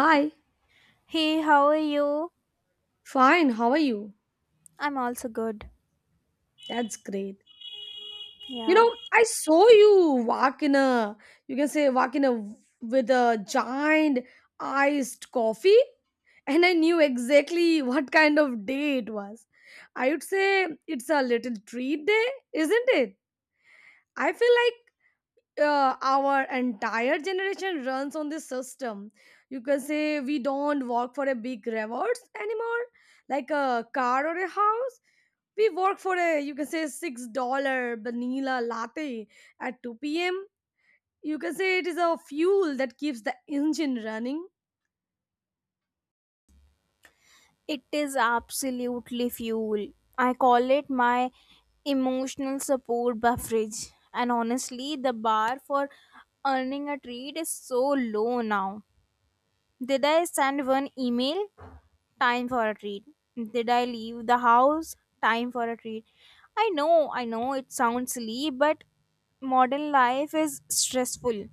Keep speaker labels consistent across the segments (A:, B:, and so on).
A: Hi,
B: Hey, how are you?
A: fine. How are you?
B: I'm also good.
A: That's great. You
B: Yeah.
A: know, I saw you walk in a, you can say, walk in a with a giant iced coffee, and I knew exactly what kind of day it was. I would say it's a little treat day, isn't it? I feel like our entire generation runs on this system. You can say we don't work for a big rewards anymore, like a car or a house. We work for a, you can say, $6 vanilla latte at 2 p.m. You can say it is a fuel that keeps the engine running.
B: It is absolutely fuel. I call it my emotional support beverage. And honestly, the bar for earning a treat is so low now. Did I send one email? Time for a treat. Did I leave the house? Time for a treat. I know it sounds silly, but modern life is stressful.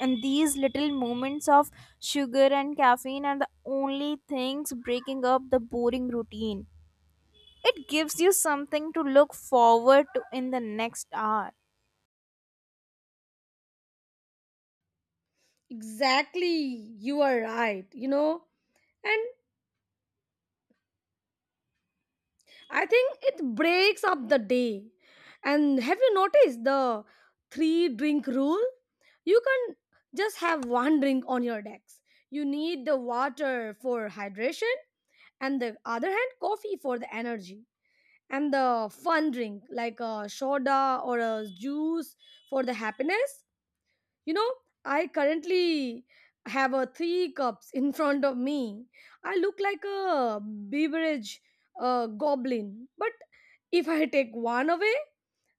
B: And these little moments of sugar and caffeine are the only things breaking up the boring routine. It gives you something to look forward to in the next hour.
A: Exactly, you are right, you know. And I think it breaks up the day. And have you noticed the three drink rule? You can just have one drink on your decks. You need the water for hydration and the other hand coffee for the energy, and the fun drink like a soda or a juice for the happiness. You know, I currently have a three cups in front of me. I look like a beverage goblin, but if I take one away,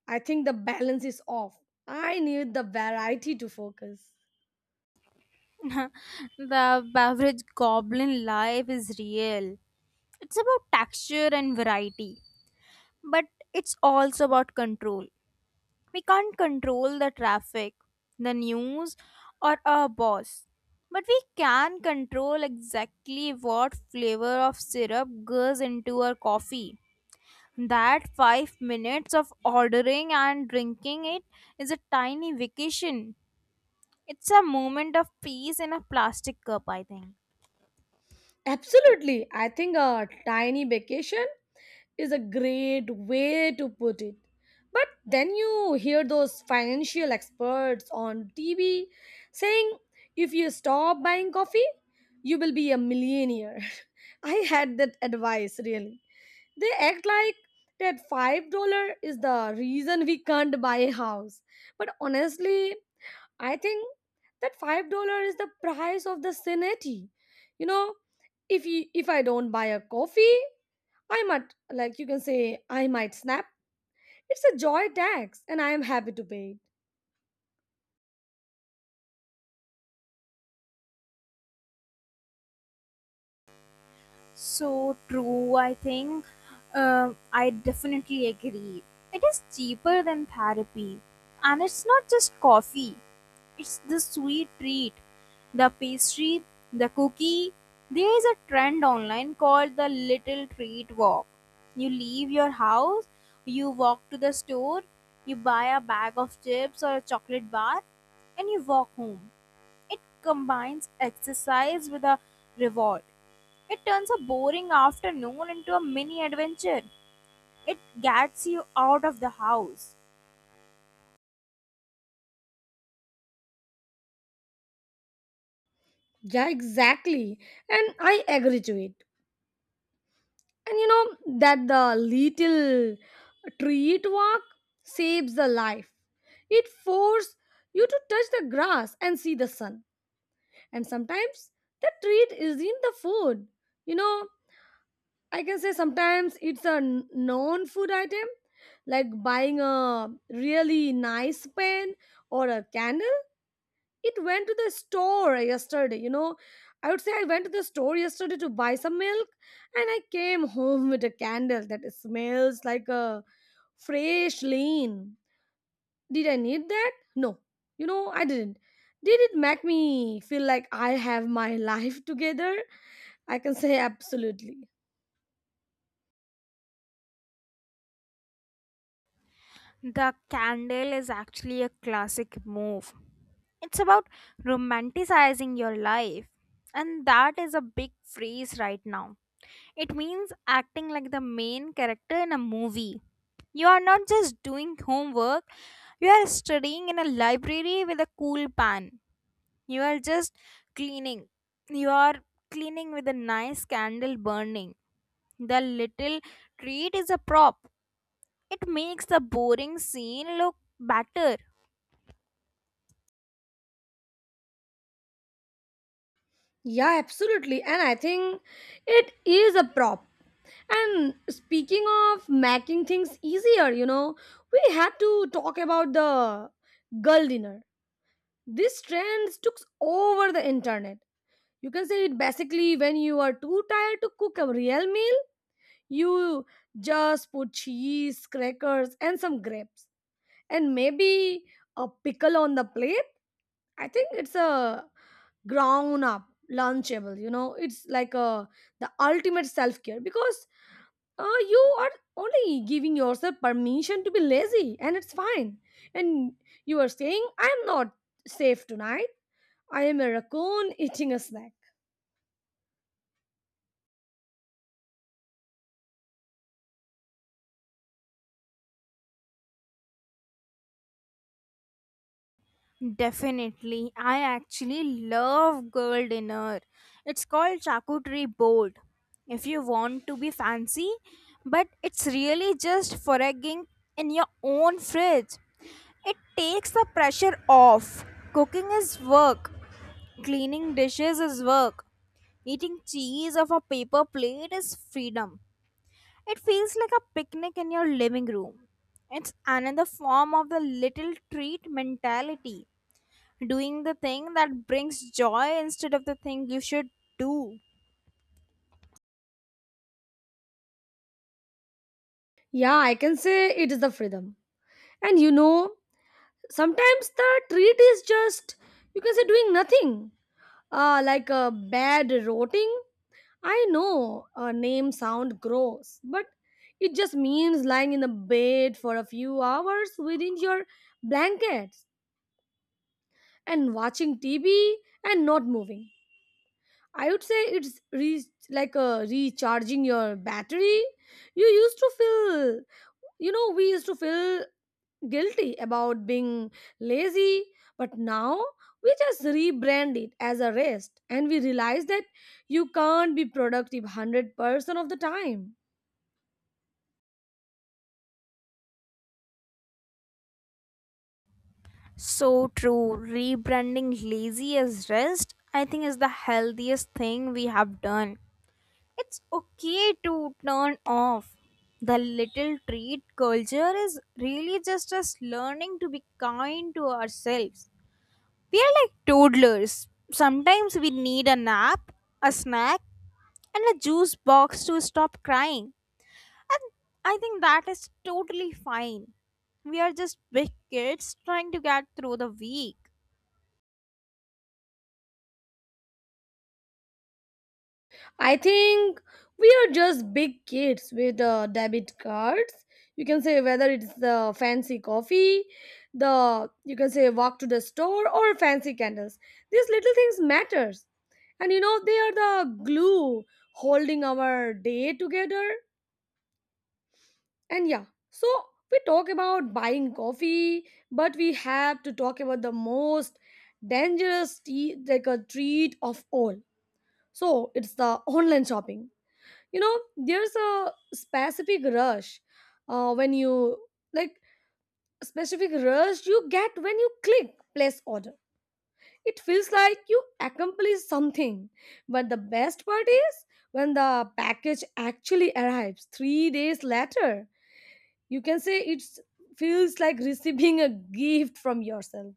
A: I think the balance is off. I need the variety to focus.
B: The beverage goblin life is real. It's about texture and variety, but it's also about control. We can't control the traffic, the news, or our boss. But we can control exactly what flavor of syrup goes into our coffee. That 5 minutes of ordering and drinking it is a tiny vacation. It's a moment of peace in a plastic cup, I think.
A: Absolutely, I think a tiny vacation is a great way to put it. But then you hear those financial experts on TV saying if you stop buying coffee, you will be a millionaire. I had that advice really. They act like that $5 is the reason we can't buy a house. But honestly, I think that $5 is the price of the sanity. You know, if I don't buy a coffee, I might, like, you can say I might snap. It's a joy tax, and I am happy to pay it.
B: So true, I think. I definitely agree. It is cheaper than therapy. And it's not just coffee, it's the sweet treat. The pastry, the cookie. There is a trend online called the little treat walk. You leave your house, you walk to the store, you buy a bag of chips or a chocolate bar, and you walk home. It combines exercise with a reward. It turns a boring afternoon into a mini adventure. It gets you out of the house.
A: Yeah, exactly, and I agree to it. And you know that the little treat walk saves the life. It forces you to touch the grass and see the sun. And sometimes the treat isn't the food. You know, I can say sometimes it's a known food item, like buying a really nice pen or a candle. It went to the store yesterday, you know. I would say I went to the store yesterday to buy some milk and I came home with a candle that smells like a fresh lane. Did I need that? No. You know, I didn't. Did it make me feel like I have my life together? I can say absolutely.
B: The candle is actually a classic move. It's about romanticizing your life, and that is a big phrase right now. It means acting like the main character in a movie. You are not just doing homework, you are studying in a library with a cool pan. You are just cleaning. You are cleaning with a nice candle burning. The little treat is a prop. It makes the boring scene look better.
A: Yeah, absolutely. And I think it is a prop. And speaking of making things easier, you know, we have to talk about the girl dinner. This trend took over the internet. You can say it basically when you are too tired to cook a real meal, you just put cheese, crackers, and some grapes, and maybe a pickle on the plate. I think it's a ground up lunchable. You know, it's like a the ultimate self-care because you are only giving yourself permission to be lazy and it's fine, and you are saying I am not safe tonight, I am a raccoon eating a snack.
B: Definitely. I actually love girl dinner. It's called charcuterie board. If you want to be fancy, but it's really just foraging in your own fridge. It takes the pressure off. Cooking is work. Cleaning dishes is work. Eating cheese off a paper plate is freedom. It feels like a picnic in your living room. It's another form of the little treat mentality, doing the thing that brings joy instead of the thing you should do.
A: Yeah, I can say it is the freedom. And you know sometimes the treat is just, you can say, doing nothing, like a bad rotting. I know a name sound gross, but it just means lying in the bed for a few hours within your blankets and watching TV and not moving. I would say it's like a recharging your battery. You used to feel, you know, we used to feel guilty about being lazy, but now we just rebrand it as a rest and we realize that you can't be productive 100% of the time.
B: So true, rebranding lazy as rest, I think, is the healthiest thing we have done. It's okay to turn off. The little treat culture is really just us learning to be kind to ourselves. We are like toddlers. Sometimes we need a nap, a snack, and a juice box to stop crying. And I think that is totally fine. We are just big kids trying to get through the week.
A: I think we are just big kids with debit cards. You can say whether it's the fancy coffee, the, you can say, walk to the store or fancy candles. These little things matters. And you know they are the glue holding our day together. And yeah, so we talk about buying coffee, but we have to talk about the most dangerous tea, like a treat of all. So it's the online shopping. You know there's a specific rush when you like specific rush you get when you click place order. It feels like you accomplish something, but the best part is when the package actually arrives 3 days later. You can say it feels like receiving a gift from yourself,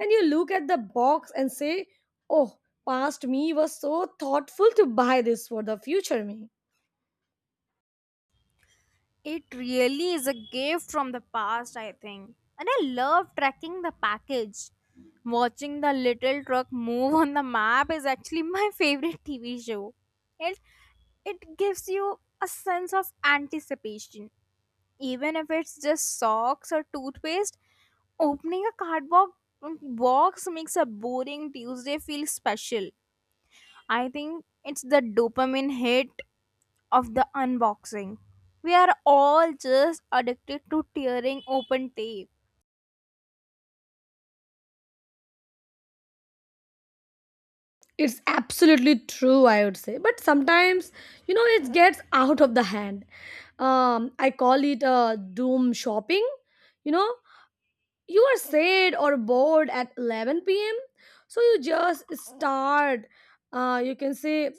A: and you look at the box and say, oh, past me was so thoughtful to buy this for the future me.
B: It really is a gift from the past, I think. And I love tracking the package. Watching the little truck move on the map is actually my favorite TV show. It it gives you a sense of anticipation even if it's just socks or toothpaste, opening a cardboard box makes a boring Tuesday feel special. I think it's the dopamine hit of the unboxing. We are all just addicted to tearing open tape.
A: It's absolutely true, I would say. But sometimes, you know, it gets out of the hand. I call it doom shopping. You know, you are sad or bored at 11 p.m. So you just start, you can say,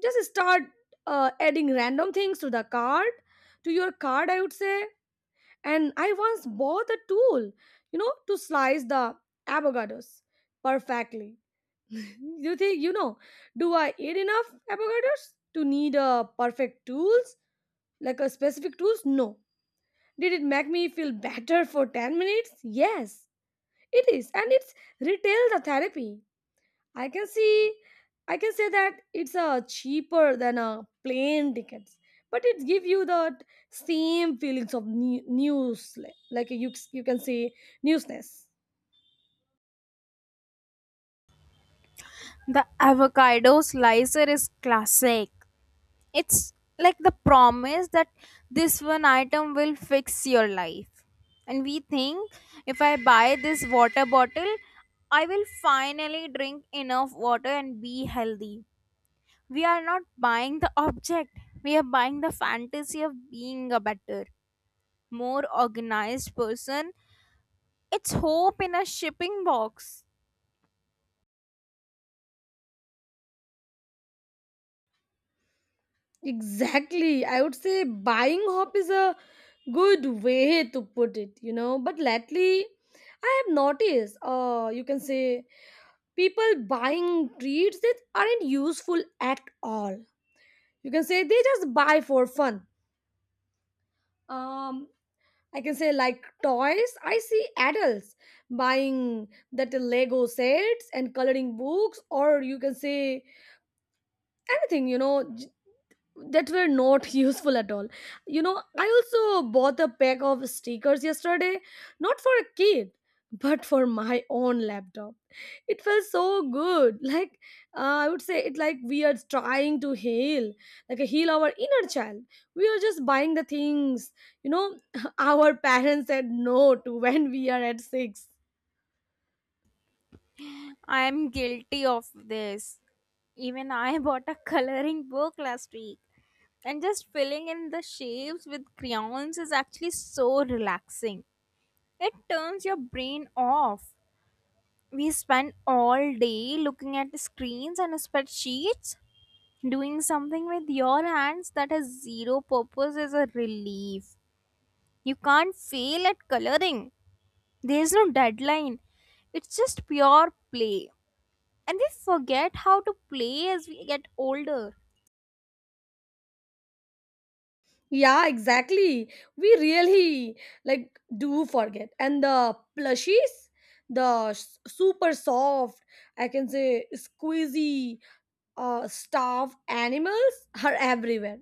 A: just start adding random things to the card, to your card, I would say. And I once bought a tool, you know, to slice the avocados perfectly. You think, you know, do I eat enough avocados to need a perfect tools, like a specific tools? No. Did it make me feel better for 10 minutes? Yes. It is, and it's retail the therapy. I can see, I can say that it's a cheaper than a plane tickets, but it give you the same feelings of new, news, like you, you can say, newsness.
B: The avocado slicer is classic. It's like the promise that this one item will fix your life, and we think, if I buy this water bottle, I will finally drink enough water and be healthy. We are not buying the object, we are buying the fantasy of being a better, more organized person. It's hope in a shipping box.
A: Exactly. I would say buying hope is a good way to put it, you know. But lately, I have noticed, you can say, people buying treats that aren't useful at all. You can say they just buy for fun. Um, I can say, like toys, I see adults buying that Lego sets and coloring books, or you can say anything, you know, that were not useful at all. You know, I also bought a pack of stickers yesterday, not for a kid, but for my own laptop. It felt so good. Like I would say, it like we are trying to heal, like a heal our inner child. We are just buying the things, you know, our parents said no to when we are at six.
B: I am guilty of this. Even I bought a coloring book last week, and just filling in the shapes with crayons is actually so relaxing. It turns your brain off. We spend all day looking at screens and spreadsheets. Doing something with your hands that has zero purpose is a relief. You can't fail at coloring. There's no deadline. It's just pure play. And we forget how to play as we get older.
A: Yeah, exactly. We really like do forget. And the plushies, the super soft, I can say, squeezy, stuffed animals are everywhere.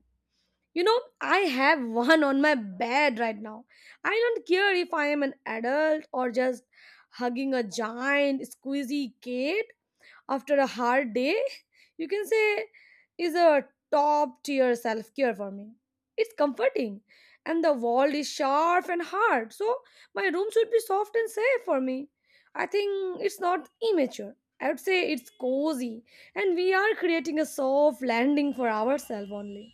A: You know, I have one on my bed right now. I don't care if I am an adult or just hugging a giant squeezy kid after a hard day. You can say is a top tier self care for me. It's comforting, and the wall is sharp and hard, so my room should be soft and safe for me. I think it's not immature, I would say it's cozy, and we are creating a soft landing for ourselves only.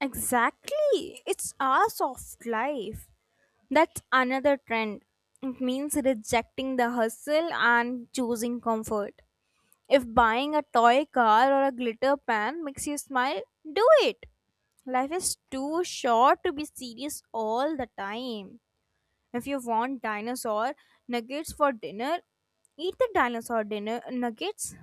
B: Exactly. It's our soft life. That's another trend. It means rejecting the hustle and choosing comfort. If buying a toy car or a glitter pen makes you smile, do it. Life is too short to be serious all the time. If you want dinosaur nuggets for dinner, eat the dinosaur dinner nuggets.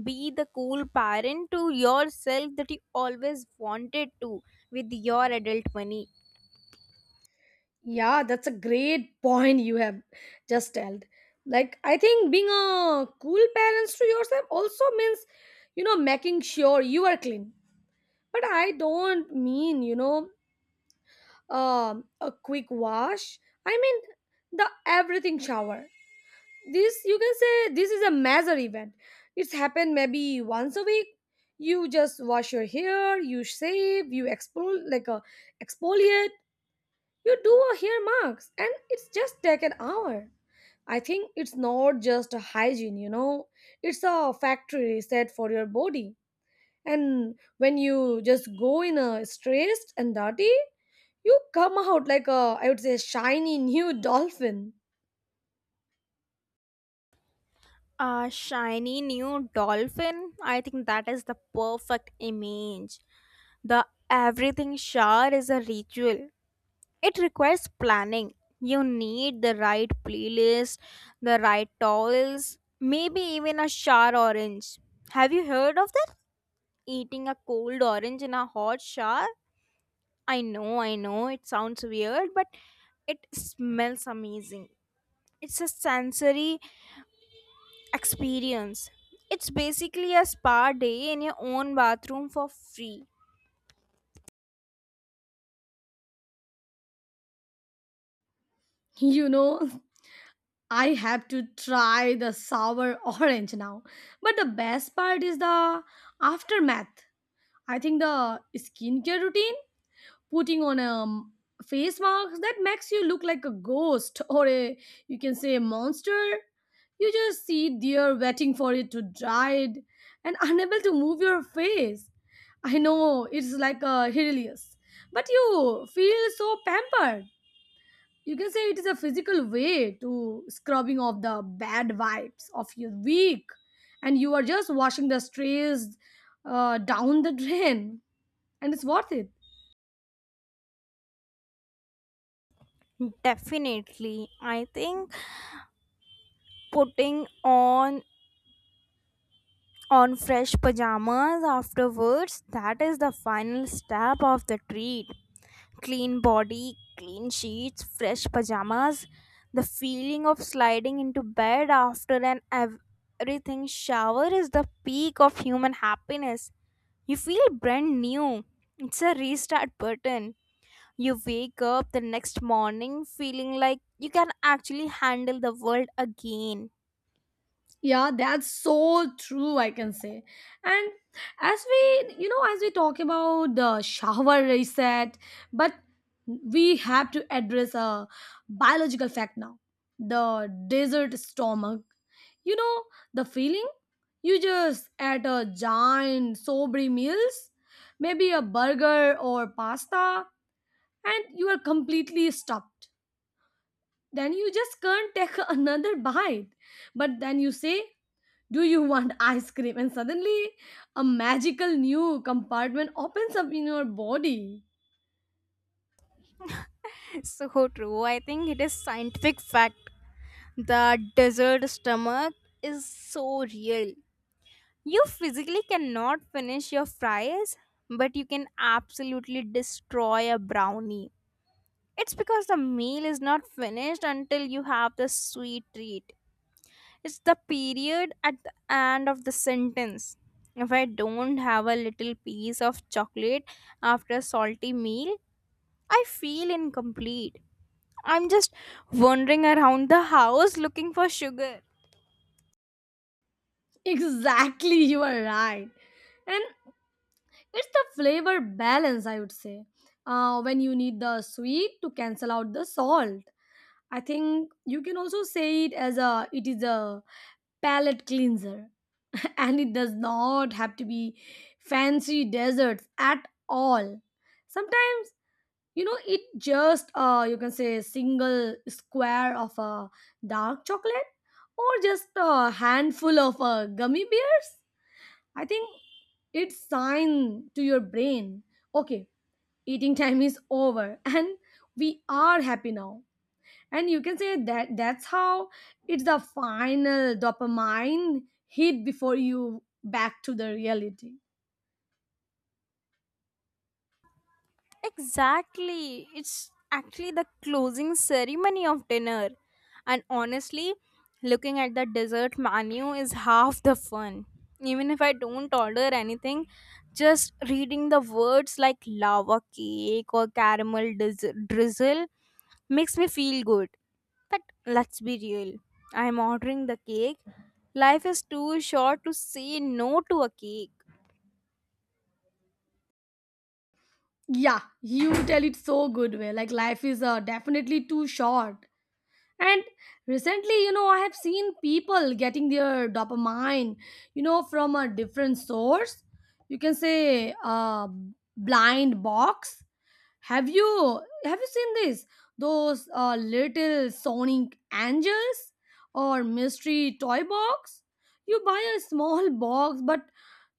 B: Be the cool parent to yourself that you always wanted to with your adult money.
A: Yeah, that's a great point you have just told. Like, I think being a cool parents to yourself also means, you know, making sure you are clean. But I don't mean, you know, a quick wash. I mean the everything shower. This, you can say, this is a major event. It's happened maybe once a week. You just wash your hair, you shave, you expol like a exfoliate, you do a hair mask and it's just take an hour. I think it's not just a hygiene, you know, it's a factory reset for your body. And when you just go in a stressed and dirty, you come out like a, I would say, shiny new dolphin.
B: A shiny new dolphin? I think that is the perfect image. The everything shower is a ritual. It requires planning. You need the right playlist, the right towels, maybe even a shower orange. Have you heard of that? Eating a cold orange in a hot shower? It sounds weird, but it smells amazing. It's a sensory experience. It's basically a spa day in your own bathroom for free.
A: You know, I have to try the sour orange now. But the best part is the aftermath. I think the skincare routine, putting on a face mask that makes you look like a ghost or a, you can say, a monster. You just sit there waiting for it to dry it and unable to move your face. I know it's like a hilarious, but you feel so pampered. You can say it is a physical way to scrubbing off the bad vibes of your week, and you are just washing the strays down the drain, and it's worth it.
B: Definitely. I think putting on fresh pajamas afterwards, that is the final step of the treat. Clean body, clean sheets, fresh pajamas. The feeling of sliding into bed after an everything shower is the peak of human happiness. You feel brand new. It's a restart button. You wake up the next morning feeling like you can actually handle the world again.
A: Yeah, that's so true, I can say. And as we, you know, as we talk about the shower reset, but we have to address a biological fact now, the desert stomach. You know, the feeling you just ate a giant, sobry meals, maybe a burger or pasta, and you are completely stuffed. Then you just can't take another bite. But then you say, do you want ice cream? And suddenly, a magical new compartment opens up in your body.
B: So true. I think it is scientific fact. The desert stomach is so real. You physically cannot finish your fries, but you can absolutely destroy a brownie. It's because the meal is not finished until you have the sweet treat. It's the period at the end of the sentence. If I don't have a little piece of chocolate after a salty meal, I feel incomplete. I'm just wandering around the house looking for sugar.
A: Exactly, you are right. And it's the flavor balance, I would say. When you need the sweet to cancel out the salt. I think you can also say it as a it is a palate cleanser. And it does not have to be fancy desserts at all. Sometimes it just you can say single square of dark chocolate or just a handful of gummy bears. I think it's sign to your brain, okay, eating time is over, and we are happy now. And you can say that that's how it's the final dopamine hit before you back to the reality.
B: Exactly. It's actually the closing ceremony of dinner. And honestly, looking at the dessert menu is half the fun. Even if I don't order anything, just reading the words like lava cake or caramel drizzle makes me feel good. But let's be real. I'm ordering the cake. Life is too short to say no to a cake.
A: Yeah, you tell it so good way, like life is definitely too short. And recently, I have seen people getting their dopamine, from a different source. You can say blind box. Have you seen this? Those little sonic angels or mystery toy box. You buy a small box, but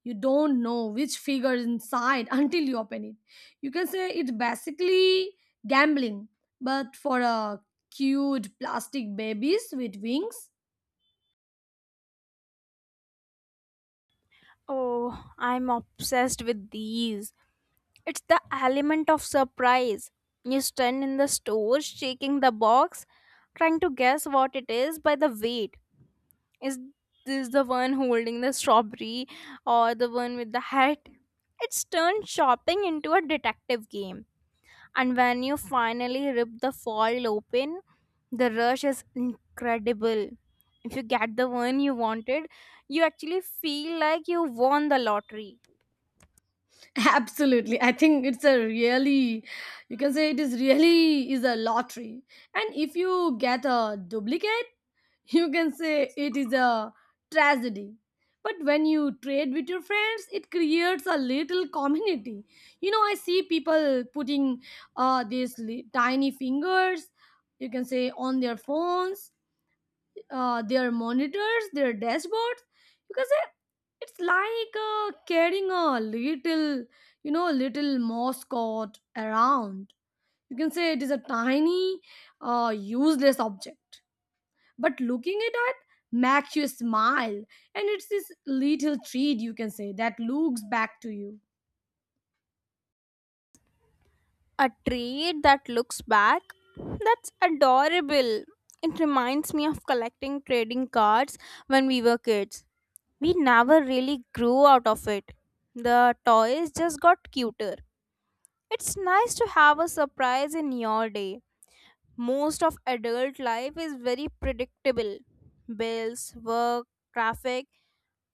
A: you don't know which figure is inside until you open it. You can say it's basically gambling, but for a cute plastic babies with wings.
B: Oh, I'm obsessed with these. It's the element of surprise. You stand in the store, shaking the box, trying to guess what it is by the weight. Is this the one holding the strawberry or the one with the hat? It's turned shopping into a detective game. And when you finally rip the foil open, the rush is incredible. If you get the one you wanted, you actually feel like you won the lottery.
A: Absolutely. I think it's a really, you can say it is really is a lottery. And if you get a duplicate, you can say it is a tragedy. But when you trade with your friends, it creates a little community. You know, I see people putting these tiny fingers, you can say, on their phones, their monitors, their dashboards. You can say it's like carrying a little, little mascot around. You can say it is a tiny, useless object. But looking at it makes you smile, and it's this little treat, you can say, that looks back to you.
B: A tree that looks back? That's adorable. It reminds me of collecting trading cards when we were kids. We never really grew out of it. The toys just got cuter. It's nice to have a surprise in your day. Most of adult life is very predictable: bills, work, traffic.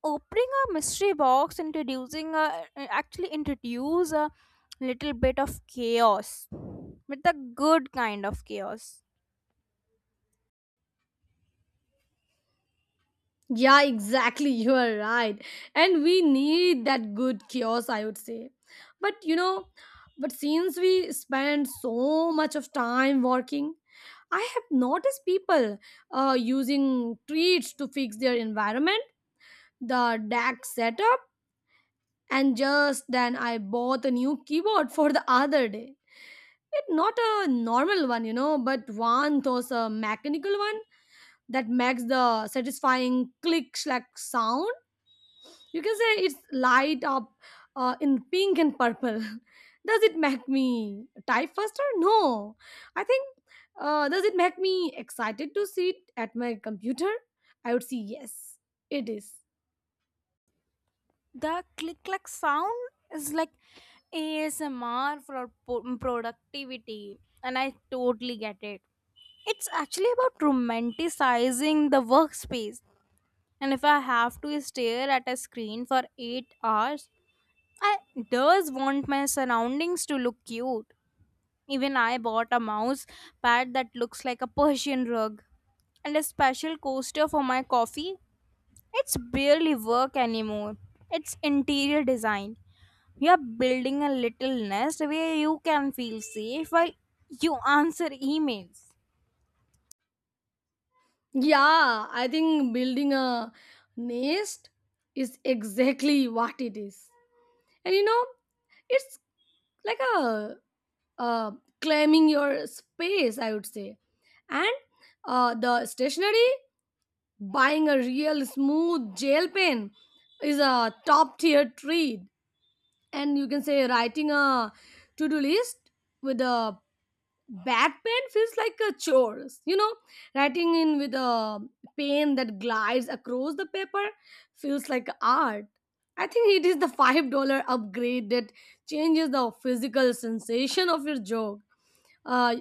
B: Opening a mystery box introducing a, actually introduce a little bit of chaos, with the good kind of chaos.
A: Yeah, exactly. You are right. And we need that good chaos, I would say. But but since we spend so much of time working, I have noticed people using treats to fix their environment, the DAC setup, and just then I bought a new keyboard for the other day. It's not a normal one, you know, but one those a mechanical one that makes the satisfying click slack sound. You can say it's light up in pink and purple. Does it make me type faster? No. I think, does it make me excited to see it at my computer? I would say yes, it is.
B: The click click sound is like ASMR for productivity, and I totally get it. It's actually about romanticizing the workspace, and if I have to stare at a screen for 8 hours, I does want my surroundings to look cute. Even I bought a mouse pad that looks like a Persian rug and a special coaster for my coffee. It's barely work anymore. It's interior design. You are building a little nest where you can feel safe while you answer emails.
A: Yeah, I think building a nest is exactly what it is. And it's like a uh, claiming your space, I would say. And the stationery. Buying a real smooth gel pen is a top tier treat. And you can say writing a to do list with a bad pen feels like a chore. You know, writing in with a pen that glides across the paper feels like art. I think it is the $5 upgrade that changes the physical sensation of your joke. Uh,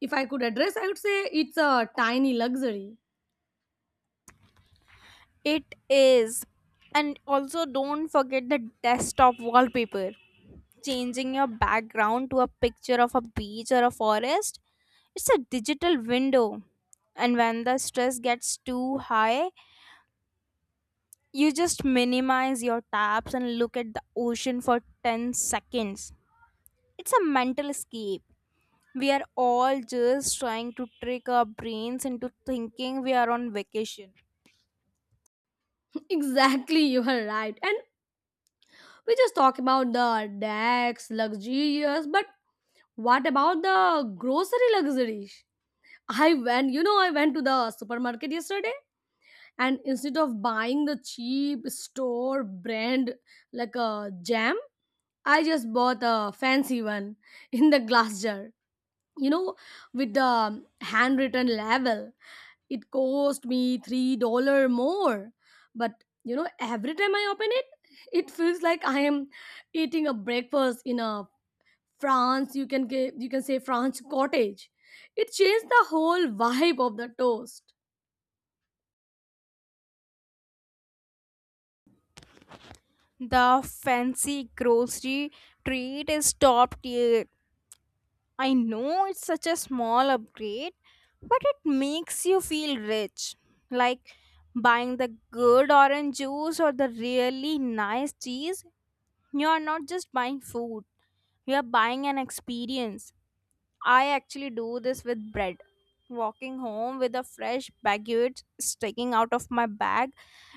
A: if I could address, I would say it's a tiny luxury.
B: It is. And also, don't forget the desktop wallpaper. Changing your background to a picture of a beach or a forest, it's a digital window. And when the stress gets too high, you just minimize your tabs and look at the ocean for 10 seconds. It's a mental escape. We are all just trying to trick our brains into thinking we are on vacation.
A: Exactly, you are right. And we just talk about the decks, luxurious, but what about the grocery luxury? I went to the supermarket yesterday and instead of buying the cheap store brand like a jam, I just bought a fancy one in the glass jar, you know, with the handwritten label. It cost me $3 more, but you know, every time I open it, it feels like I am eating a breakfast in a France, you can get, you can say French cottage. It changed the whole vibe of the toast.
B: The fancy grocery treat is top tier. I know it's such a small upgrade, but it makes you feel rich. Like buying the good orange juice or the really nice cheese, you are not just buying food, you are buying an experience. I actually do this with bread. Walking home with a fresh baguette sticking out of my bag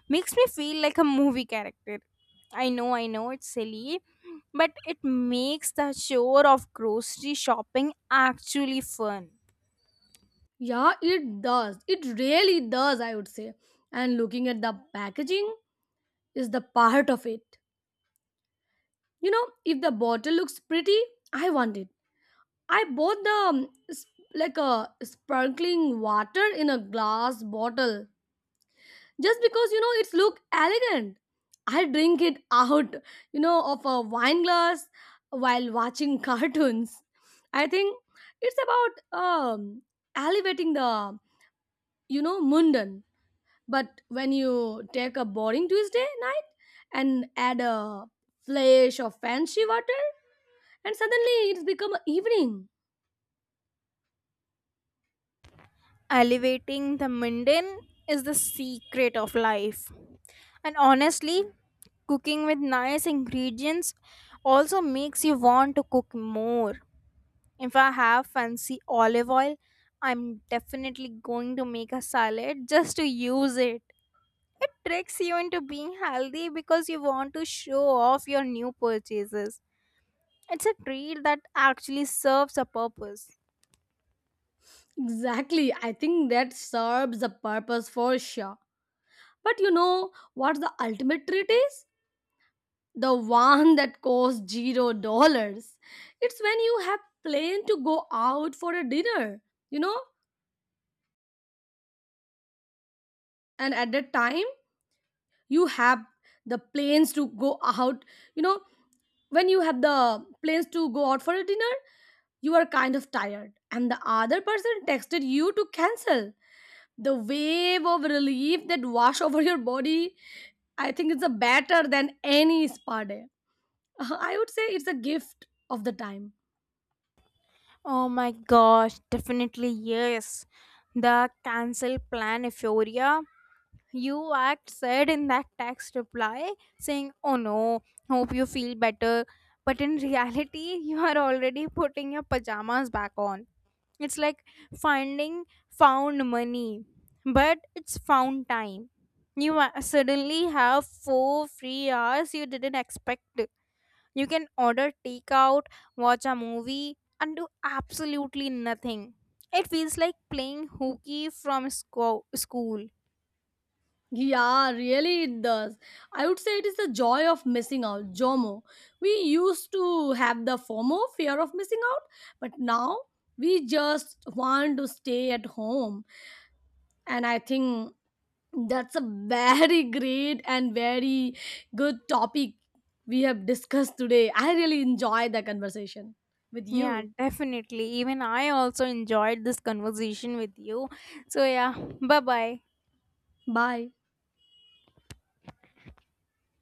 B: makes me feel like a movie character. It's silly, but it makes the chore of grocery shopping actually fun.
A: Yeah, it does. It really does, I would say. And looking at the packaging is the part of it. You know, if the bottle looks pretty, I want it. I bought the like a sparkling water in a glass bottle just because it's look elegant. I drink it out, of a wine glass, while watching cartoons. I think it's about elevating the, mundane. But when you take a boring Tuesday night and add a flash of fancy water, and suddenly it's become a evening.
B: Elevating the mundane is the secret of life. And honestly, cooking with nice ingredients also makes you want to cook more. If I have fancy olive oil, I'm definitely going to make a salad just to use it. It tricks you into being healthy because you want to show off your new purchases. It's a treat that actually serves a purpose.
A: Exactly, I think that serves a purpose for sure. But you know what the ultimate treat is? The one that costs $0. It's when you have planned to go out for a dinner, you know, and at that time you have the plans to go out, you know, when you have the plans to go out for a dinner, you are kind of tired, and the other person texted you to cancel. The wave of relief that wash over your body, I think it's a better than any spa day. I would say it's a gift of the time.
B: Oh my gosh, definitely yes. The cancel plan euphoria. You act said in that text reply saying, "Oh no, hope you feel better." But in reality, you are already putting your pajamas back on. It's like finding found money, but it's found time. You suddenly have 4 free hours you didn't expect. You can order takeout, watch a movie, and do absolutely nothing. It feels like playing hooky from school.
A: Yeah, really it does. I would say it is the joy of missing out, JOMO. We used to have the FOMO, fear of missing out, but now we just want to stay at home. And I think that's a very great and very good topic we have discussed today. I really enjoyed the conversation with
B: Yeah,
A: you.
B: definitely. Even I also enjoyed this conversation with you. So, yeah, bye bye.
A: Bye.